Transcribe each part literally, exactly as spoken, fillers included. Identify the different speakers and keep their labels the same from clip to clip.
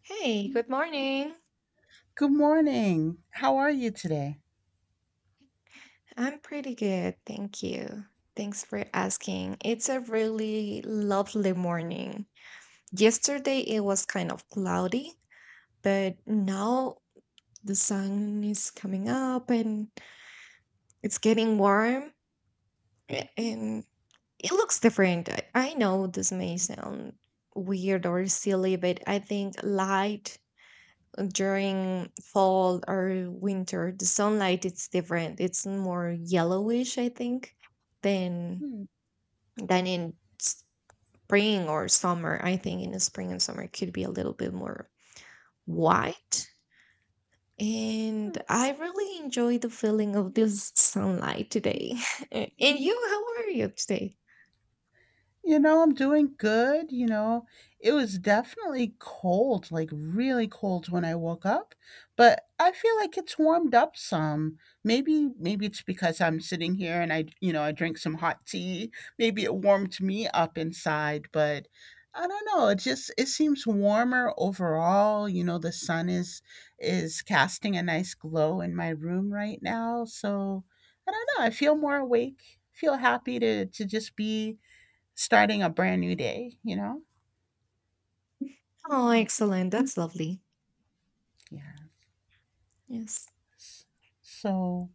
Speaker 1: Hey, good morning.
Speaker 2: Good morning. How are you today?
Speaker 1: I'm pretty good. Thank you. Thanks for asking. It's a really lovely morning. Yesterday it was kind of cloudy, but now the sun is coming up and it's getting warm a- and it looks different. I I know this may sound weird or silly, but I think light during fall or winter, the sunlight, it's different. It's more yellowish, I think, than
Speaker 2: Hmm.
Speaker 1: than in spring or summer. I think in the spring and summer it could be a little bit more white. And I really enjoy the feeling of this sunlight today. And you, how are you today?
Speaker 2: You know, I'm doing good, you know. It was definitely cold, like really cold when I woke up, but I feel like it's warmed up some. Maybe maybe it's because I'm sitting here and I, you know, I drink some hot tea. Maybe it warmed me up inside, but I don't know. It just it seems warmer overall. You know, the sun is is casting a nice glow in my room right now, so I don't know. I feel more awake. Feel happy to to just be starting a brand new day, you know?
Speaker 1: Oh,
Speaker 2: Mm,
Speaker 1: excellent. That's lovely. Yes.
Speaker 2: yes. So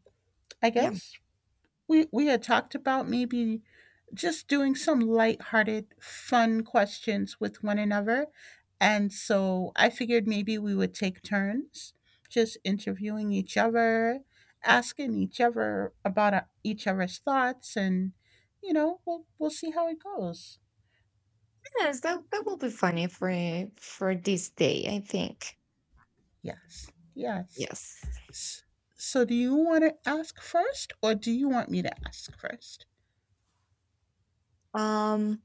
Speaker 2: I
Speaker 1: Yeah.
Speaker 2: guess we we had talked about maybe just doing some lighthearted, fun questions with one another. And so I figured maybe we would take turns just interviewing each other, asking each other about uh, each other's thoughts and you know, we'll we'll see how it goes.
Speaker 1: Yes, that, that will be funny for for this day, I think.
Speaker 2: Yes. Yes.
Speaker 1: Yes.
Speaker 2: S- So do you want to ask first or do you want me to ask first?
Speaker 1: um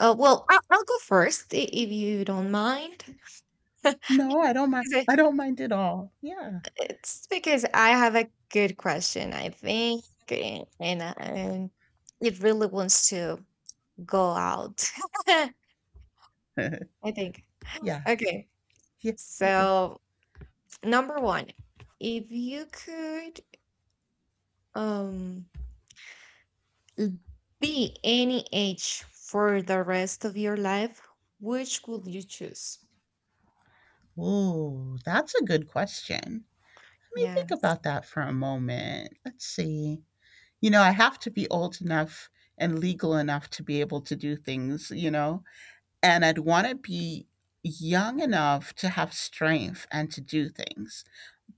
Speaker 1: Uh, well, I'll, I'll go first, i- if you don't mind.
Speaker 2: No, I don't mind.
Speaker 1: Is it-
Speaker 2: I don't mind at all. Yeah.
Speaker 1: It's because I have a good question, I think, and, and, uh, and it really wants to go out. I think.
Speaker 2: Yeah.
Speaker 1: Okay,
Speaker 2: Yeah. Yeah.
Speaker 1: so number one, if you could um, l- be any age for the rest of your life, which would you choose?
Speaker 2: Oh, that's a good question. Let me think
Speaker 1: Yeah.
Speaker 2: about that for a moment. Let's see. You know, I have to be old enough and legal enough to be able to do things, you know, and I'd want to be young enough to have strength and to do things,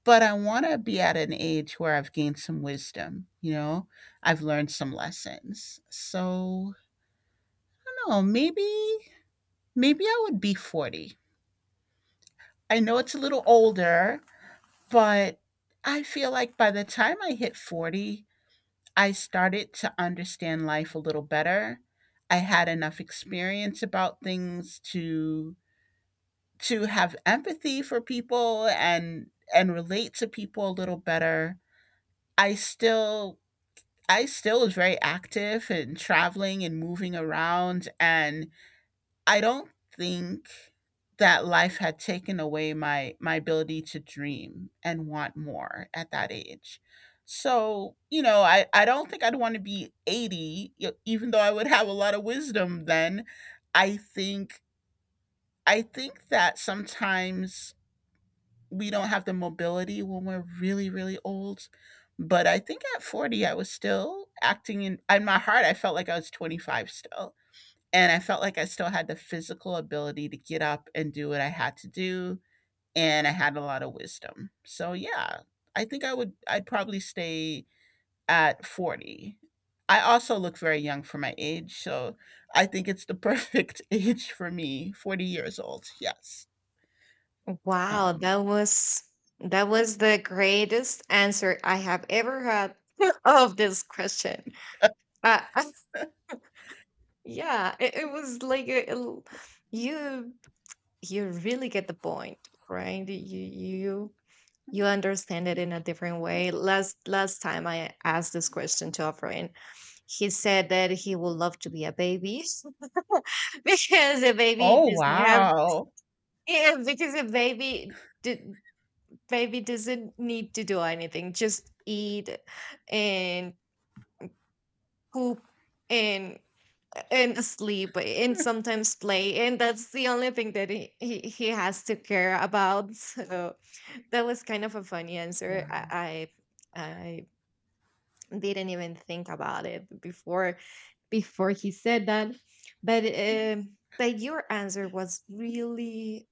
Speaker 2: but I want to be at an age where I've gained some wisdom, you know? I've learned some lessons. So, I don't know, maybe maybe I would be forty. I know it's a little older, but I feel like by the time I hit forty, I started to understand life a little better. I had enough experience about things to to have empathy for people and and relate to people a little better. I still I still was very active and traveling and moving around and I don't think that life had taken away my my ability to dream and want more at that age. So, you know, I, I don't think I'd want to be eighty, y- even though I would have a lot of wisdom then. I think I think that sometimes we don't have the mobility when we're really really old, but I think at forty I was still acting in in my heart. I felt like I was twenty-five still and I felt like I still had the physical ability to get up and do what I had to do, and I had a lot of wisdom. So yeah, I think i would i'd probably stay at forty. I also look very young for my age, so I think it's the perfect age for me. forty years old. Yes.
Speaker 1: Wow,
Speaker 2: um
Speaker 1: that was that was the greatest answer I have ever had of this question. Uh, I- yeah, it, it was like a, a l- you you really get the point, right? You you you understand it in a different way. Last last time I asked this question to a friend, he said that he would love to be a baby. Because a baby
Speaker 2: oh
Speaker 1: doesn't have.
Speaker 2: wow.
Speaker 1: Yeah, because a baby. baby doesn't need to do anything, just eat and poop and and sleep and sometimes play, and that's the only thing that he, he, he has to care about. So that was kind of a funny answer.
Speaker 2: Wow.
Speaker 1: I i, I didn't even think about it before before he said that, but um but your answer was really,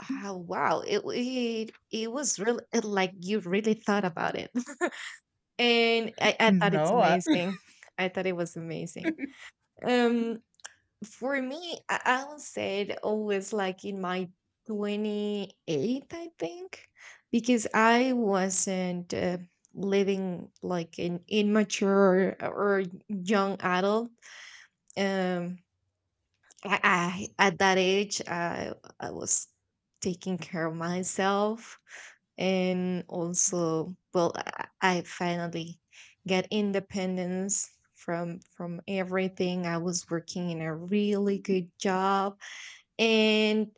Speaker 1: uh, wow, it, it it was really like you really thought about it. And I I thought it's
Speaker 2: No, I,
Speaker 1: amazing. I thought it was amazing. Um, for me, I, I would say it always like in my twenty-eighth, I think, because I wasn't uh, living like an immature or young adult. Um, I, I at that age I I was taking care of myself. And also, well, I, I finally get independence from from everything. I was working in a really good job, and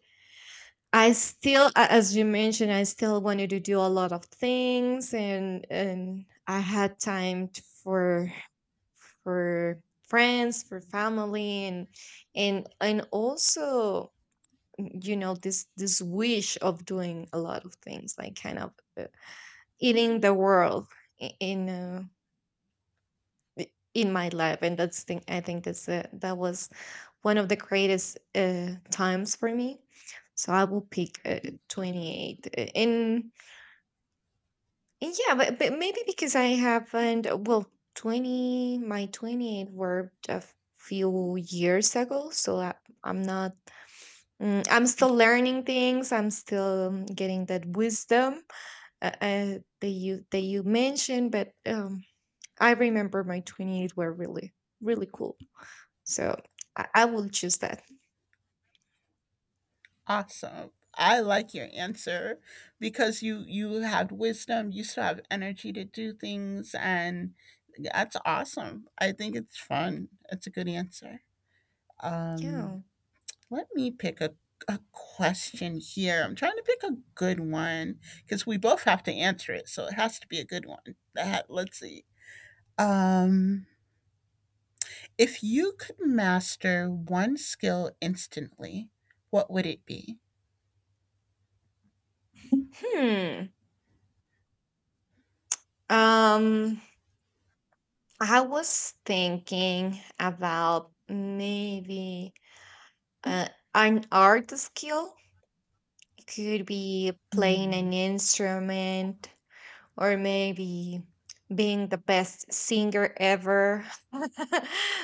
Speaker 1: I still, a- as you mentioned, I still wanted to do a lot of things, and and I had time, t- for for friends, for family, and and and also, you know, this this wish of doing a lot of things, like, kind of, uh, eating the world, i- in uh, i- in my life. And that's thing I think, that's uh, that was one of the greatest uh, times for me. So I will pick, uh, twenty-eight, uh, and, and yeah, but, but maybe because I haven't, uh, well, twenty, my twenty-eight were a few years ago. So I, i'm not. Mm, I'm still learning things. I'm still, um, getting that wisdom, uh, uh, that you that you mentioned, but um, I remember my twenty-eight were really really cool. So I, I will choose that.
Speaker 2: awesome. I like your answer because you you have wisdom, you still have energy to do things and that's awesome. I think it's fun. It's a good answer. Um
Speaker 1: Yeah.
Speaker 2: Let me pick a a question here. I'm trying to pick a good one because we both have to answer it, so it has to be a good one. That let's see. Um if you could master one skill instantly, what would it be?
Speaker 1: Hmm. Um. I was thinking about maybe uh, an art skill. It could be playing
Speaker 2: Hmm.
Speaker 1: an instrument, or maybe being the best singer ever.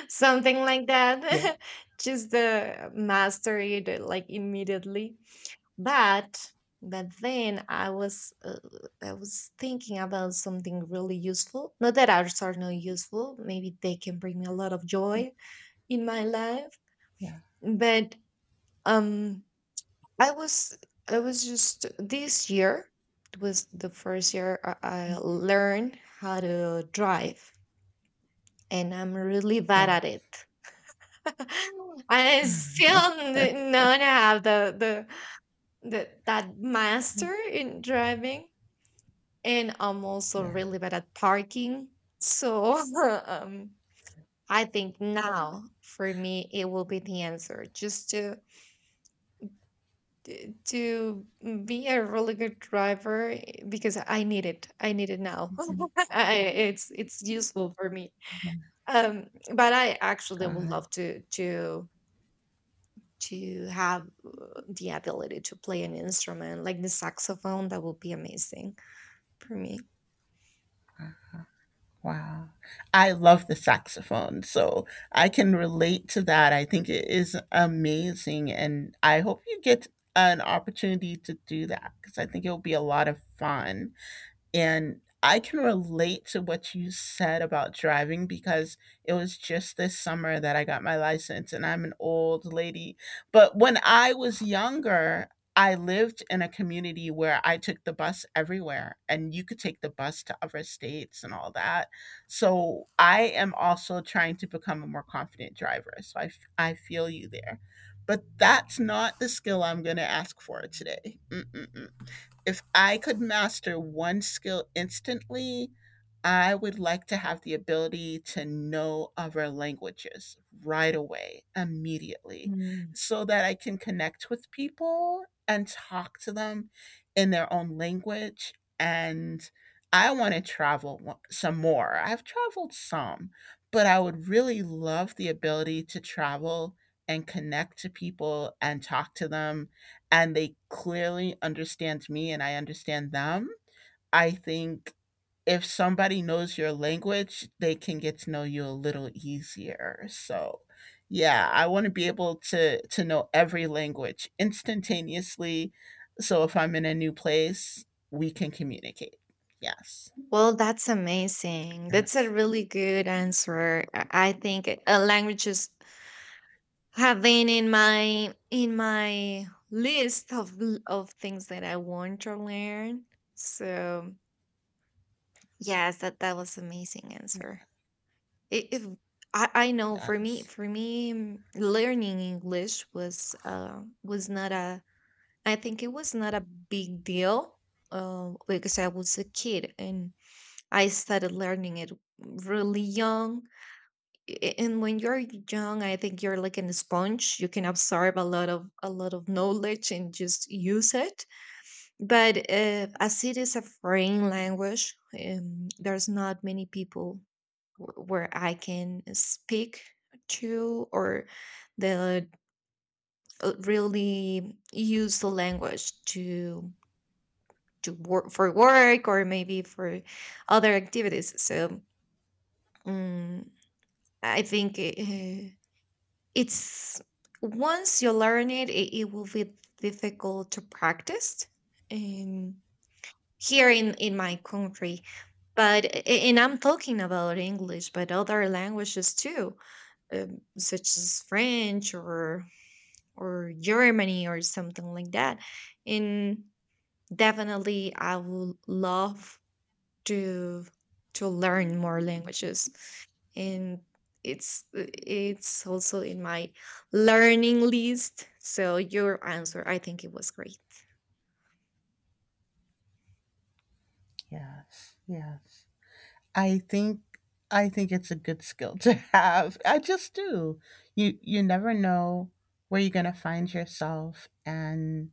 Speaker 1: Something like that.
Speaker 2: Yeah.
Speaker 1: Just the mastery, it, like, immediately. But but then i was uh, i was thinking about something really useful. Not that arts are not useful, maybe they can bring me a lot of joy in my life.
Speaker 2: Yeah.
Speaker 1: But um I was I was just this year, it was the first year I, I
Speaker 2: Mm,
Speaker 1: learned how to drive, and I'm really bad
Speaker 2: yeah.
Speaker 1: at it. I
Speaker 2: Mhm,
Speaker 1: still n- not have the, the the that master in driving, and I'm also
Speaker 2: yeah.
Speaker 1: really bad at parking. So um I think now for me it will be the answer, just to t- to be a really good driver, eh, because I need it. I need it now.
Speaker 2: Mhm,
Speaker 1: I, it's it's useful for me.
Speaker 2: yeah,
Speaker 1: Um, but I actually would
Speaker 2: God.
Speaker 1: love to to to have, uh, the ability to play an instrument like the saxophone. That would be amazing for me.
Speaker 2: Wow. Wow. I love the saxophone. So I can relate to that. I think it is amazing. And I hope you get an opportunity to do that because I think it'll be a lot of fun. And I can relate to what you said about driving because it was just this summer that I got my license and I'm an old lady. But when I was younger, I lived in a community where I took the bus everywhere and you could take the bus to other states and all that. So I am also trying to become a more confident driver. So I, f- I feel you there. But that's not the skill I'm going to ask for today. Mm mm if I could master one skill instantly, I would like to have the ability to know other languages right away, immediately,
Speaker 1: Mm.
Speaker 2: so that I can connect with people and talk to them in their own language. And I want to travel wa- some more. I've traveled some, but I would really love the ability to travel and connect to people and talk to them and they clearly understand me and I understand them. I think if somebody knows your language, they can get to know you a little easier. So, yeah, I want to be able to to know every language instantaneously. So if I'm in a new place, we can communicate. Yes.
Speaker 1: Well, that's amazing. That's a
Speaker 2: Yes.
Speaker 1: really good answer. I I think, uh, languages have been in my in my list of l- of things that I want to learn. So yes, that that was amazing
Speaker 2: Yeah.
Speaker 1: answer. I- If I, I know, for me
Speaker 2: Yes.
Speaker 1: for me mm, learning English was uh was not a, I think it was not a big deal, uh, because I was a kid and I started learning it really young. A- And when you're young, I think you're like an sponge. You can absorb a lot of a lot of knowledge and just use it. But uh, as it is a foreign language, um, there's not many people wh- where I can speak to, or the uh, really use the language to to work, for work, or maybe for other activities. So. mm, I think, uh, it's, once you learn it, it, it will be difficult to practice in here, in in my country. But a- and I'm talking about English, but other languages too, um, such as French, or or Germany or something like that. And definitely, I would love to to learn more languages. And it's uh, it's also in my learning list. So your answer, I think, it was great.
Speaker 2: Yes. Yes. I think I think it's a good skill to have. I just do. You you never know where you're gonna find yourself and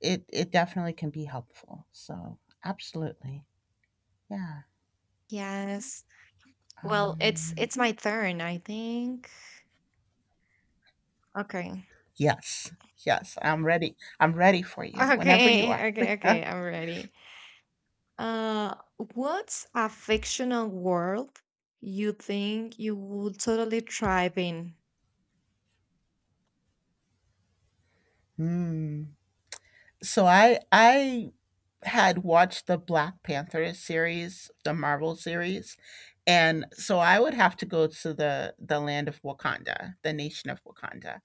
Speaker 2: it it definitely can be helpful. So absolutely. Yeah.
Speaker 1: Yes. Well, it's
Speaker 2: Um
Speaker 1: it's my turn, I think. Okay.
Speaker 2: yes. Yes. I'm ready. I'm ready for you whenever you are.
Speaker 1: Okay, okay, okay, I'm ready. Uh, what's a fictional world you think you would totally thrive in?
Speaker 2: Hmm. So I I had watched the Black Panther series, the Marvel series, and so I would have to go to the the land of Wakanda, the nation of Wakanda.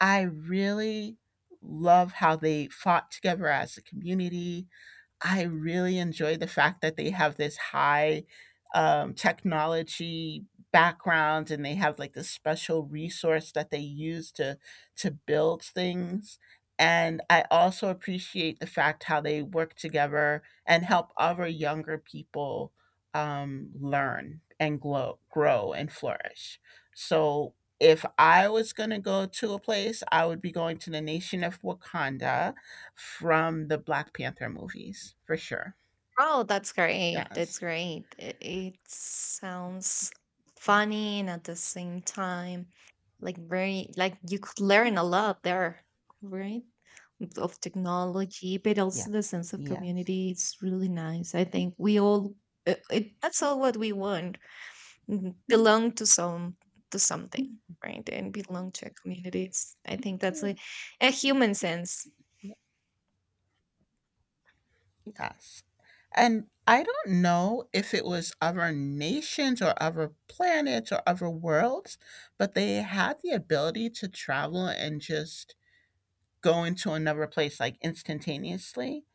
Speaker 2: I really love how they fought together as a community. I really enjoy the fact that they have this high um, technology background and they have like this special resource that they use to to build things. And I also appreciate the fact how they work together and help other younger people um, learn and grow, grow and flourish. So if I was going to go to a place, I would be going to the nation of Wakanda from the Black Panther movies, for sure.
Speaker 1: Oh, that's great. That's
Speaker 2: Yes.
Speaker 1: great. It, it sounds funny, and at the same time, like, very, like, you could learn a lot there, right? Of technology, but
Speaker 2: Yeah.
Speaker 1: also the sense of
Speaker 2: Yes.
Speaker 1: community is really nice. I think we all, it, it, that's all what we want. Mhm. Belong to some to something, right, and belong to a community. It's- I think that's
Speaker 2: Mm,
Speaker 1: a, a human sense.
Speaker 2: yes. And I don't know if it was other nations or other planets or other worlds, but they had the ability to travel and just go into another place like instantaneously.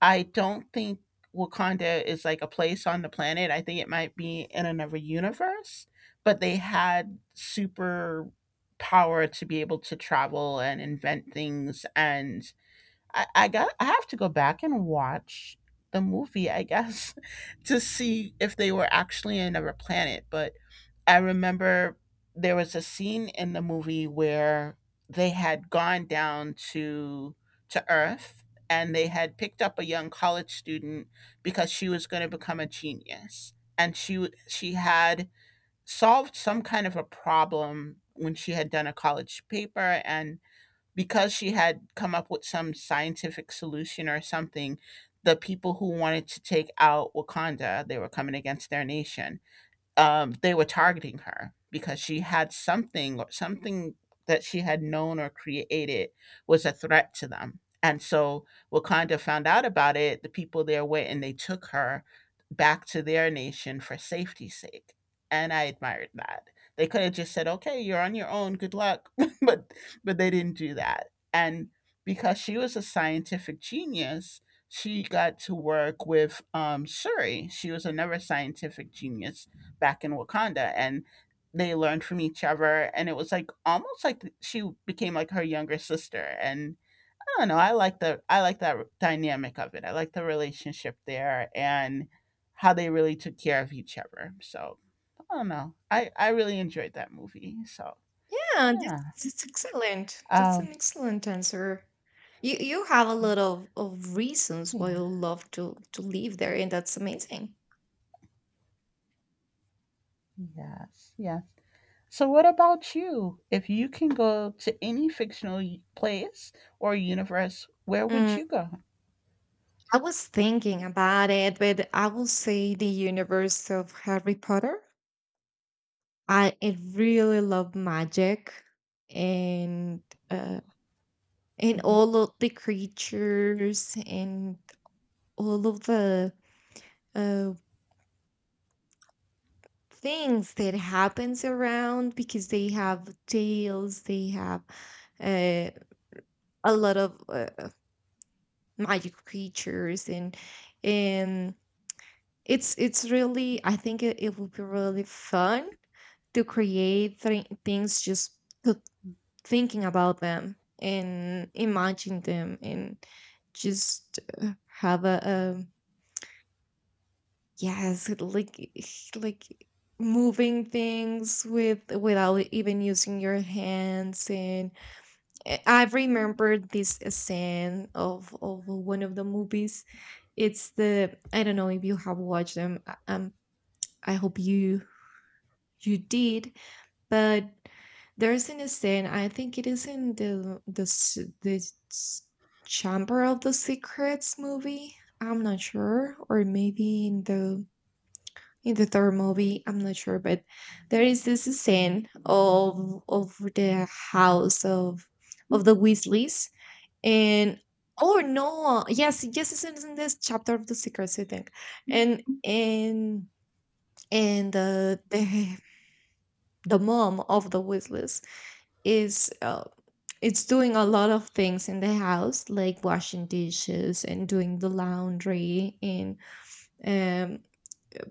Speaker 2: I don't think Wakanda is like a place on the planet. I think it might be in another universe, but they had super power to be able to travel and invent things and I, I got I have to go back and watch the movie, I guess, to see if they were actually in another planet. But I remember there was a scene in the movie where they had gone down to to Earth and they had picked up a young college student because she was going to become a genius and she w- she had solved some kind of a problem when she had done a college paper, and because she had come up with some scientific solution or something, the people who wanted to take out Wakanda, they were coming against their nation. Um, they were targeting her because she had something or something that she had known or created was a threat to them. And so Wakanda found out about it. The people there went and they took her back to their nation for safety's sake. And I admired that. They could have just said, "Okay, you're on your own. Good luck," but but they didn't do that. And because she was a scientific genius, she got to work with um, Suri. She was another scientific genius back in Wakanda and they learned from each other and it was like almost like she became like her younger sister and I don't know, I like the I like that dynamic of it. I like the relationship there and how they really took care of each other. So, I don't know. I I really enjoyed that movie. So,
Speaker 1: Yeah, this
Speaker 2: yeah.
Speaker 1: is excellent. That's an
Speaker 2: Um
Speaker 1: excellent answer. You you have a
Speaker 2: yeah.
Speaker 1: lot of, of reasons why you
Speaker 2: Yes.
Speaker 1: love to to live there, and that's amazing.
Speaker 2: Yes. Yeah. So, what about you? If you can go to any fictional y- place or universe, where would
Speaker 1: Mm,
Speaker 2: you go?
Speaker 1: I was thinking about it, but I will say the universe of Harry Potter. I, I really love magic, and uh, and
Speaker 2: Mm-hmm.
Speaker 1: all of the creatures, and all of the, uh, things that happens around, because they have tails, they have, uh, a lot of, uh, magic creatures. And and it's it's really, I think, it, it would be really fun to create th- things, just th- thinking about them and imagine them, and just uh, have a, um, yes, like like moving things with without even using your hands. And I- I've remembered this uh, scene of of one of the movies. It's the I don't know if you have watched them. uh, Um, I hope you you did, but there's an scene. I think it is in the the s- the s- Chamber of the Secrets movie. I'm not sure, or maybe in the in the third movie. I'm not sure, but there is this scene of of the house of of the Weasleys. And, oh, no, yes, yes, it's in it's in this Chapter of the Secrets, I think. And and and uh, the the mom of the Weasleys is uh, it's doing a lot of things in the house, like washing dishes and doing the laundry, and um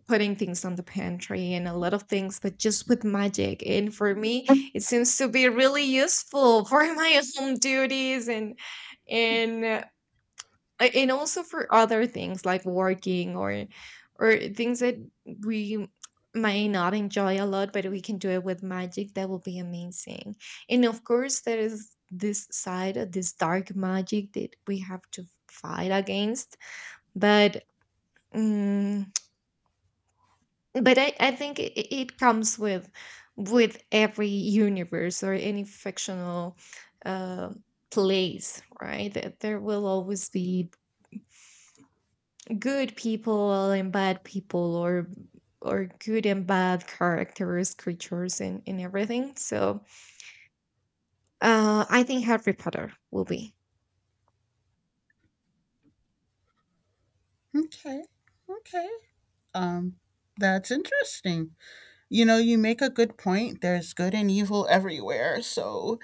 Speaker 1: putting things on the pantry, and a lot of things, but just with magic. And for me, it seems to be really useful for my home duties, and and uh, a- and also for other things like working, or or things that we might not enjoy a lot, but we can do it with magic. That will be amazing. And of course, there is this side of this dark magic that we have to fight against, but. mm, but I, I think it, it comes with with every universe or any fictional, uh, place, right? That there will always be good people and bad people, or or good and bad characters, creatures, and, and everything. So uh, I think Harry Potter will be.
Speaker 2: Okay. Okay. Um, that's interesting. You know, you make a good point. There's good and evil everywhere. So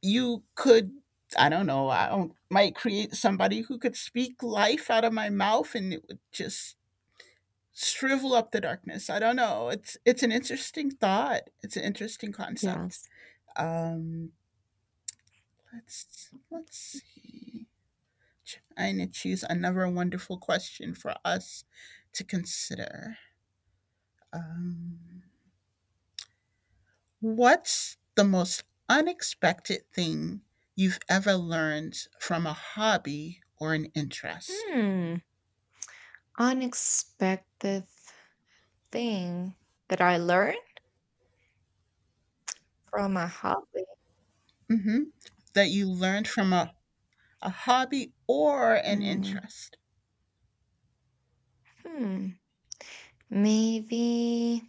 Speaker 2: you could, I don't know, I don't, might create somebody who could speak life out of my mouth and it would just shrivel up the darkness. I don't know. It's it's an interesting thought. It's an interesting concept.
Speaker 1: Yes.
Speaker 2: Um, let's let's see. Trying to choose another wonderful question for us to consider. Um, What's the most unexpected thing you've ever learned from a hobby or an interest?
Speaker 1: Hmm. Unexpected thing that I learned from a hobby.
Speaker 2: Mhm. That you learned from a, a hobby or an
Speaker 1: Hmm.
Speaker 2: interest.
Speaker 1: Hmm. Maybe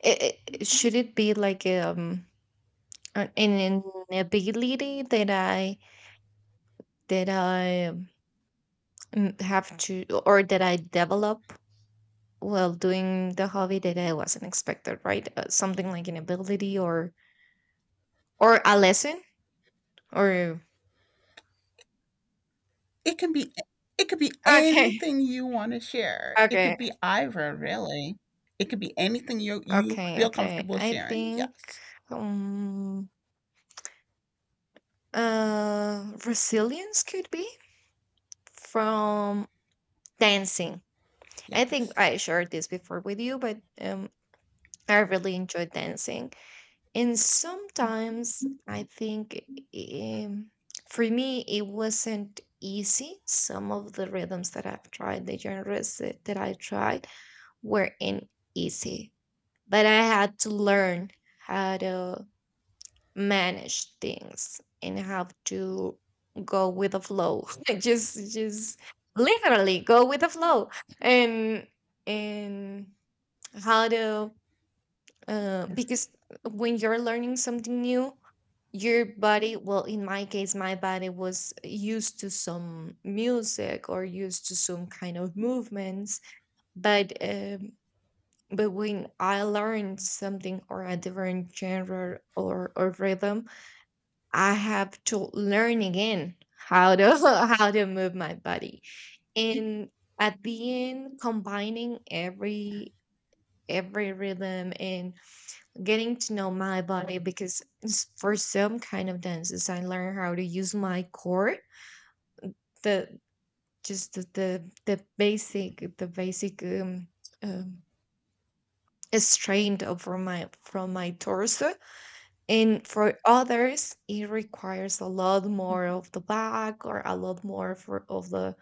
Speaker 1: it, it should it be like, um an an ability that I that I um, mm, have to, or that I develop while doing the hobby that I wasn't expected, right? Uh, something like an ability, or or a lesson, or
Speaker 2: It can be it could be
Speaker 1: okay,
Speaker 2: anything you want to share. It could
Speaker 1: okay,
Speaker 2: be either, really. It could be anything you you
Speaker 1: okay,
Speaker 2: feel
Speaker 1: okay.
Speaker 2: comfortable
Speaker 1: I
Speaker 2: sharing.
Speaker 1: think
Speaker 2: Yes.
Speaker 1: um uh resilience could be from dancing. I think
Speaker 2: Yes.
Speaker 1: I shared this before with you, but um, I really enjoy dancing. And sometimes I think, um, for me, it wasn't easy. Some of the rhythms that I've tried, the genres that that I tried, weren't easy. But I had to learn how to manage things and how to go with the flow. just, just literally go with the flow. And, and, how to uh,
Speaker 2: Yeah.
Speaker 1: because when you're learning something new, your body, well, in my case, my body was used to some music or used to some kind of movements, but um, but when I learned something or a different genre or or rhythm, I have to learn again how to how to move my body. And at the end, combining every every rhythm and getting to know my body, because s- for some kind of dances I learned how to use my core, the just the the, the basic, the basic um, um strength of, from my from my torso. And for others, it requires a lot more of the back, or a lot more for of the,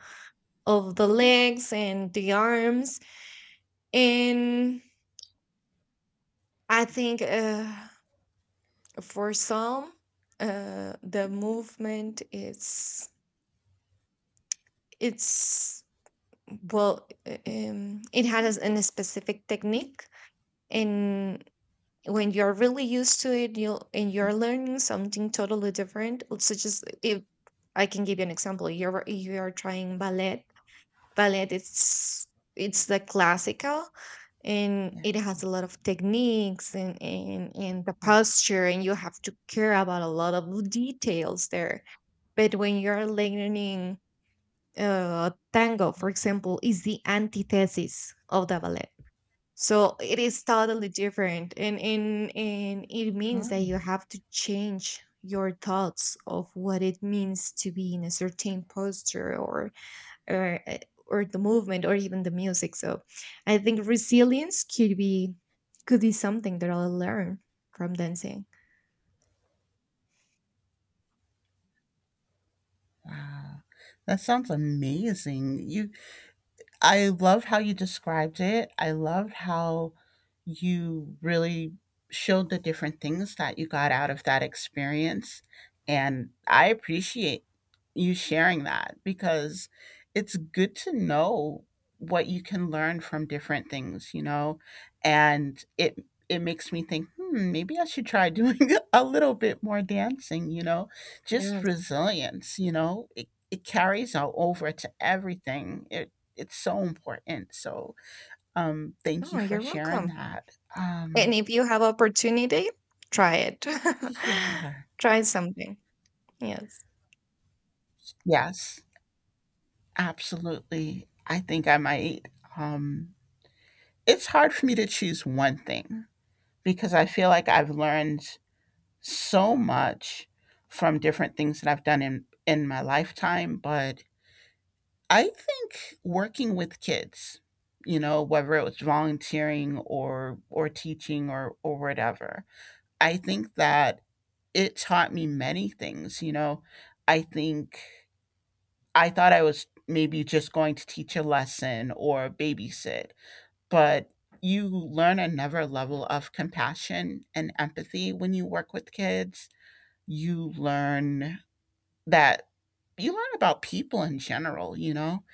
Speaker 1: of the legs and the arms. And I think, uh, for some, uh, the movement is, It's well, uh, um, it has an- a specific technique. And when you're really used to it, you'll, and
Speaker 2: Mhm.
Speaker 1: you're learning something totally different. Such as, if I can give you an example, you're you're trying ballet. Ballet, it's it's the classical, and
Speaker 2: Yeah.
Speaker 1: it has a lot of techniques, and and and the
Speaker 2: Yeah.
Speaker 1: posture, and you have to care about a lot of details there. But when you're learning uh, tango, for example, is the antithesis of the ballet. So it is totally different, and and and it means
Speaker 2: Oh,
Speaker 1: that you have to change your thoughts of what it means to be in a certain posture, or or uh, or the movement or even the music. So I think resilience could be, could be something that I'll learn from dancing.
Speaker 2: wow. That sounds amazing. You I love how you described it. I loved how you really showed the different things that you got out of that experience. And I appreciate you sharing that because it's good to know what you can learn from different things, you know? And it it makes me think, hmm, maybe I should try doing a little bit more dancing, you know? Just
Speaker 1: Yes.
Speaker 2: resilience, you know? It it carries o- over to everything. It it's so important. So um thank you
Speaker 1: Oh,
Speaker 2: for
Speaker 1: you're
Speaker 2: sharing
Speaker 1: welcome.
Speaker 2: that.
Speaker 1: And
Speaker 2: Um
Speaker 1: if you have opportunity, try it.
Speaker 2: yeah.
Speaker 1: Try something. Yes.
Speaker 2: Yes, absolutely. I think I might um it's hard for me to choose one thing because I feel like I've learned so much from different things that I've done in in my lifetime, but I think working with kids, you know, whether it was volunteering or or teaching or or whatever. I think that it taught me many things. You know, I think I thought I was maybe just going to teach a lesson or babysit, but you learn another level of compassion and empathy when you work with kids. You learn that you learn about people in general, you know?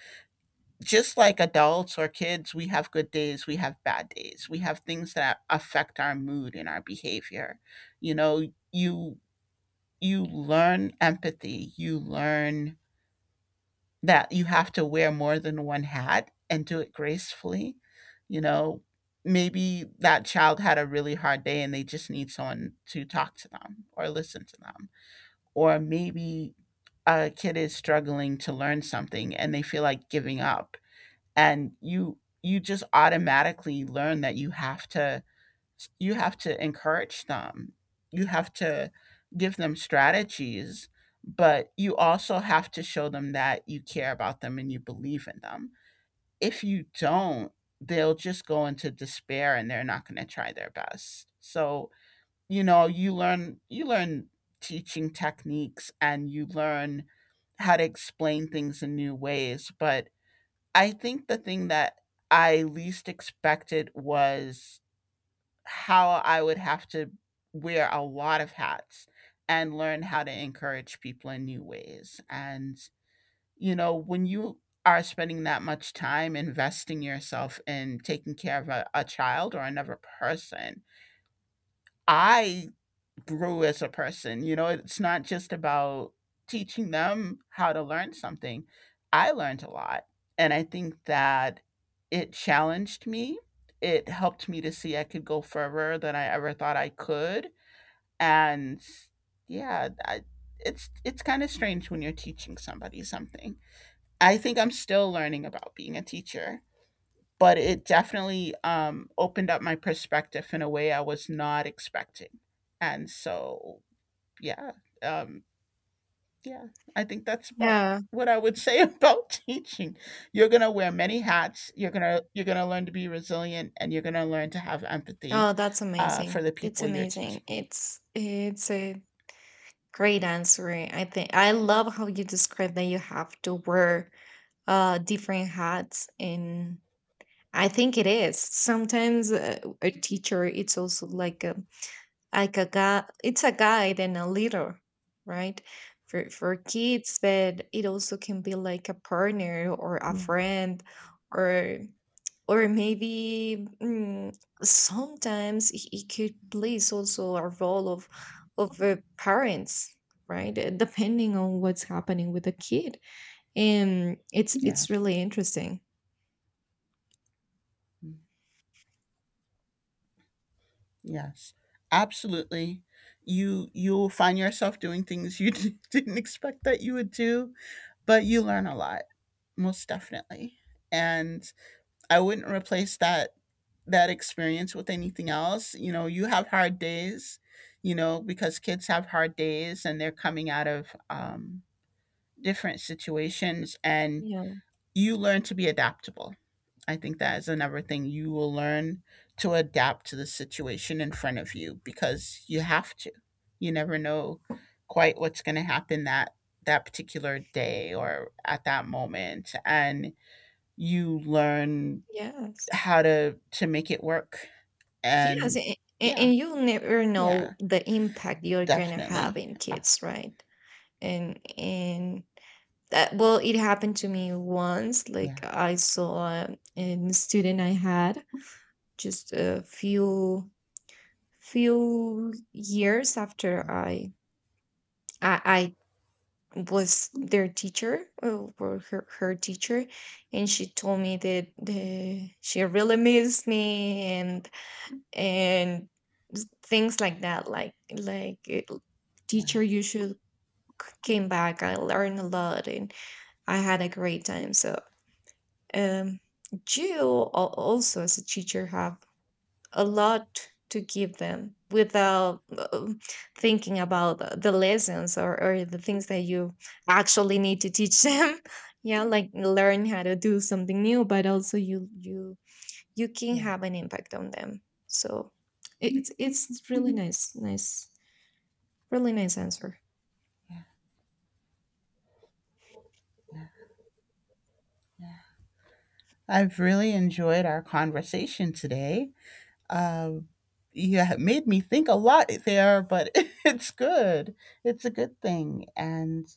Speaker 2: Just like adults or kids, we have good days, we have bad days, we have things that affect our mood and our behavior. You know, you you learn empathy. You learn that you have to wear more than one hat and do it gracefully. You know, maybe that child had a really hard day and they just need someone to talk to them or listen to them. Or maybe a kid is struggling to learn something and they feel like giving up. And you you just automatically learn that you have to you have to encourage them. You have to give them strategies, but you also have to show them that you care about them and you believe in them. If you don't, they'll just go into despair and they're not going to try their best. So, you know, you learn you learn teaching techniques and you learn how to explain things in new ways, but I think the thing that I least expected was how I would have to wear a lot of hats and learn how to encourage people in new ways. And, you know, when you are spending that much time investing yourself in taking care of a, a child or another person, I grew as a person. You know, it's not just about teaching them how to learn something. I learned a lot. And I think that it challenged me. It helped me to see I could go further than I ever thought I could. And yeah, I, it's it's kind of strange when you're teaching somebody something. I think I'm still learning about being a teacher, but it definitely um, opened up my perspective in a way I was not expecting. And so yeah um yeah I think that's about
Speaker 1: Yeah.
Speaker 2: what I would say about teaching. You're going to wear many hats. You're going to you're going to learn to be resilient and you're going to learn to have empathy,
Speaker 1: Oh, that's
Speaker 2: uh, for
Speaker 1: amazing.
Speaker 2: the
Speaker 1: It's
Speaker 2: people you're
Speaker 1: amazing.
Speaker 2: teaching.
Speaker 1: It's it's a great answer. I think I love how you describe that you have to wear uh different hats. And I think it is. Sometimes uh, a teacher, it's also like a, like a guy it's a guide and a leader, right? for for kids, but it also can be like a partner or a
Speaker 2: Yeah,
Speaker 1: friend, or or maybe, mm, sometimes it, it could plays also a role of of uh, parents, right? Uh, depending on what's happening with the kid, and it's, mhm,
Speaker 2: yeah.
Speaker 1: it's really interesting.
Speaker 2: Mm, yes, absolutely. You you'll find yourself doing things you didn't expect that you would do, but you learn a lot, most definitely. And I wouldn't replace that that experience with anything else. You know, you have hard days, you know, because kids have hard days and they're coming out of um, different situations, and
Speaker 1: Yeah.
Speaker 2: you learn to be adaptable. I think that is another thing you will learn, to adapt to the situation in front of you because you have to. You never know quite what's going to happen that that particular day or at that moment, and you learn
Speaker 1: Yes.
Speaker 2: how to to make it work.
Speaker 1: Yes,
Speaker 2: And
Speaker 1: and
Speaker 2: yeah,
Speaker 1: and you never
Speaker 2: yeah,
Speaker 1: know the impact you're gonna have
Speaker 2: definitely.
Speaker 1: in
Speaker 2: Oh,
Speaker 1: kids, right? and and that, well, it happened to me once, like
Speaker 2: yeah,
Speaker 1: I saw a, a student I had just a few few years after I, i, I was their teacher, uh, or her, her teacher. And she told me that the, she really missed me, and and things like that, like like it, teacher you should, c- came back, I learned a lot, and I had a great time. So, um, you al- also as a teacher have a lot to give them without, um, thinking about the the lessons, or, or the things that you actually need to teach them. Yeah, like learn how to do something new, but also you you you can
Speaker 2: yeah,
Speaker 1: have an impact on them. So it's it's really nice, nice, really nice answer.
Speaker 2: yeah, yeah, yeah. I've really enjoyed our conversation today. Um, you ha- made me think a lot there, but it's good. It's a good thing. And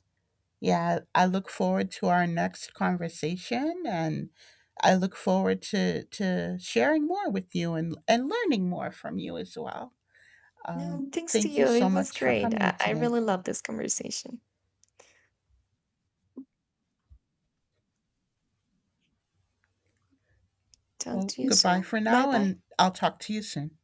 Speaker 2: yeah, I look forward to our next conversation and I look forward to to sharing more with you and and learning more from you as well. Um,
Speaker 1: No, thanks to
Speaker 2: thank you
Speaker 1: you.
Speaker 2: so
Speaker 1: It was
Speaker 2: much for
Speaker 1: great.
Speaker 2: coming
Speaker 1: I, I
Speaker 2: today.
Speaker 1: really love this conversation. Talk
Speaker 2: Well,
Speaker 1: to you
Speaker 2: goodbye
Speaker 1: soon.
Speaker 2: for
Speaker 1: Bye
Speaker 2: now,
Speaker 1: bye.
Speaker 2: and I'll talk to you soon.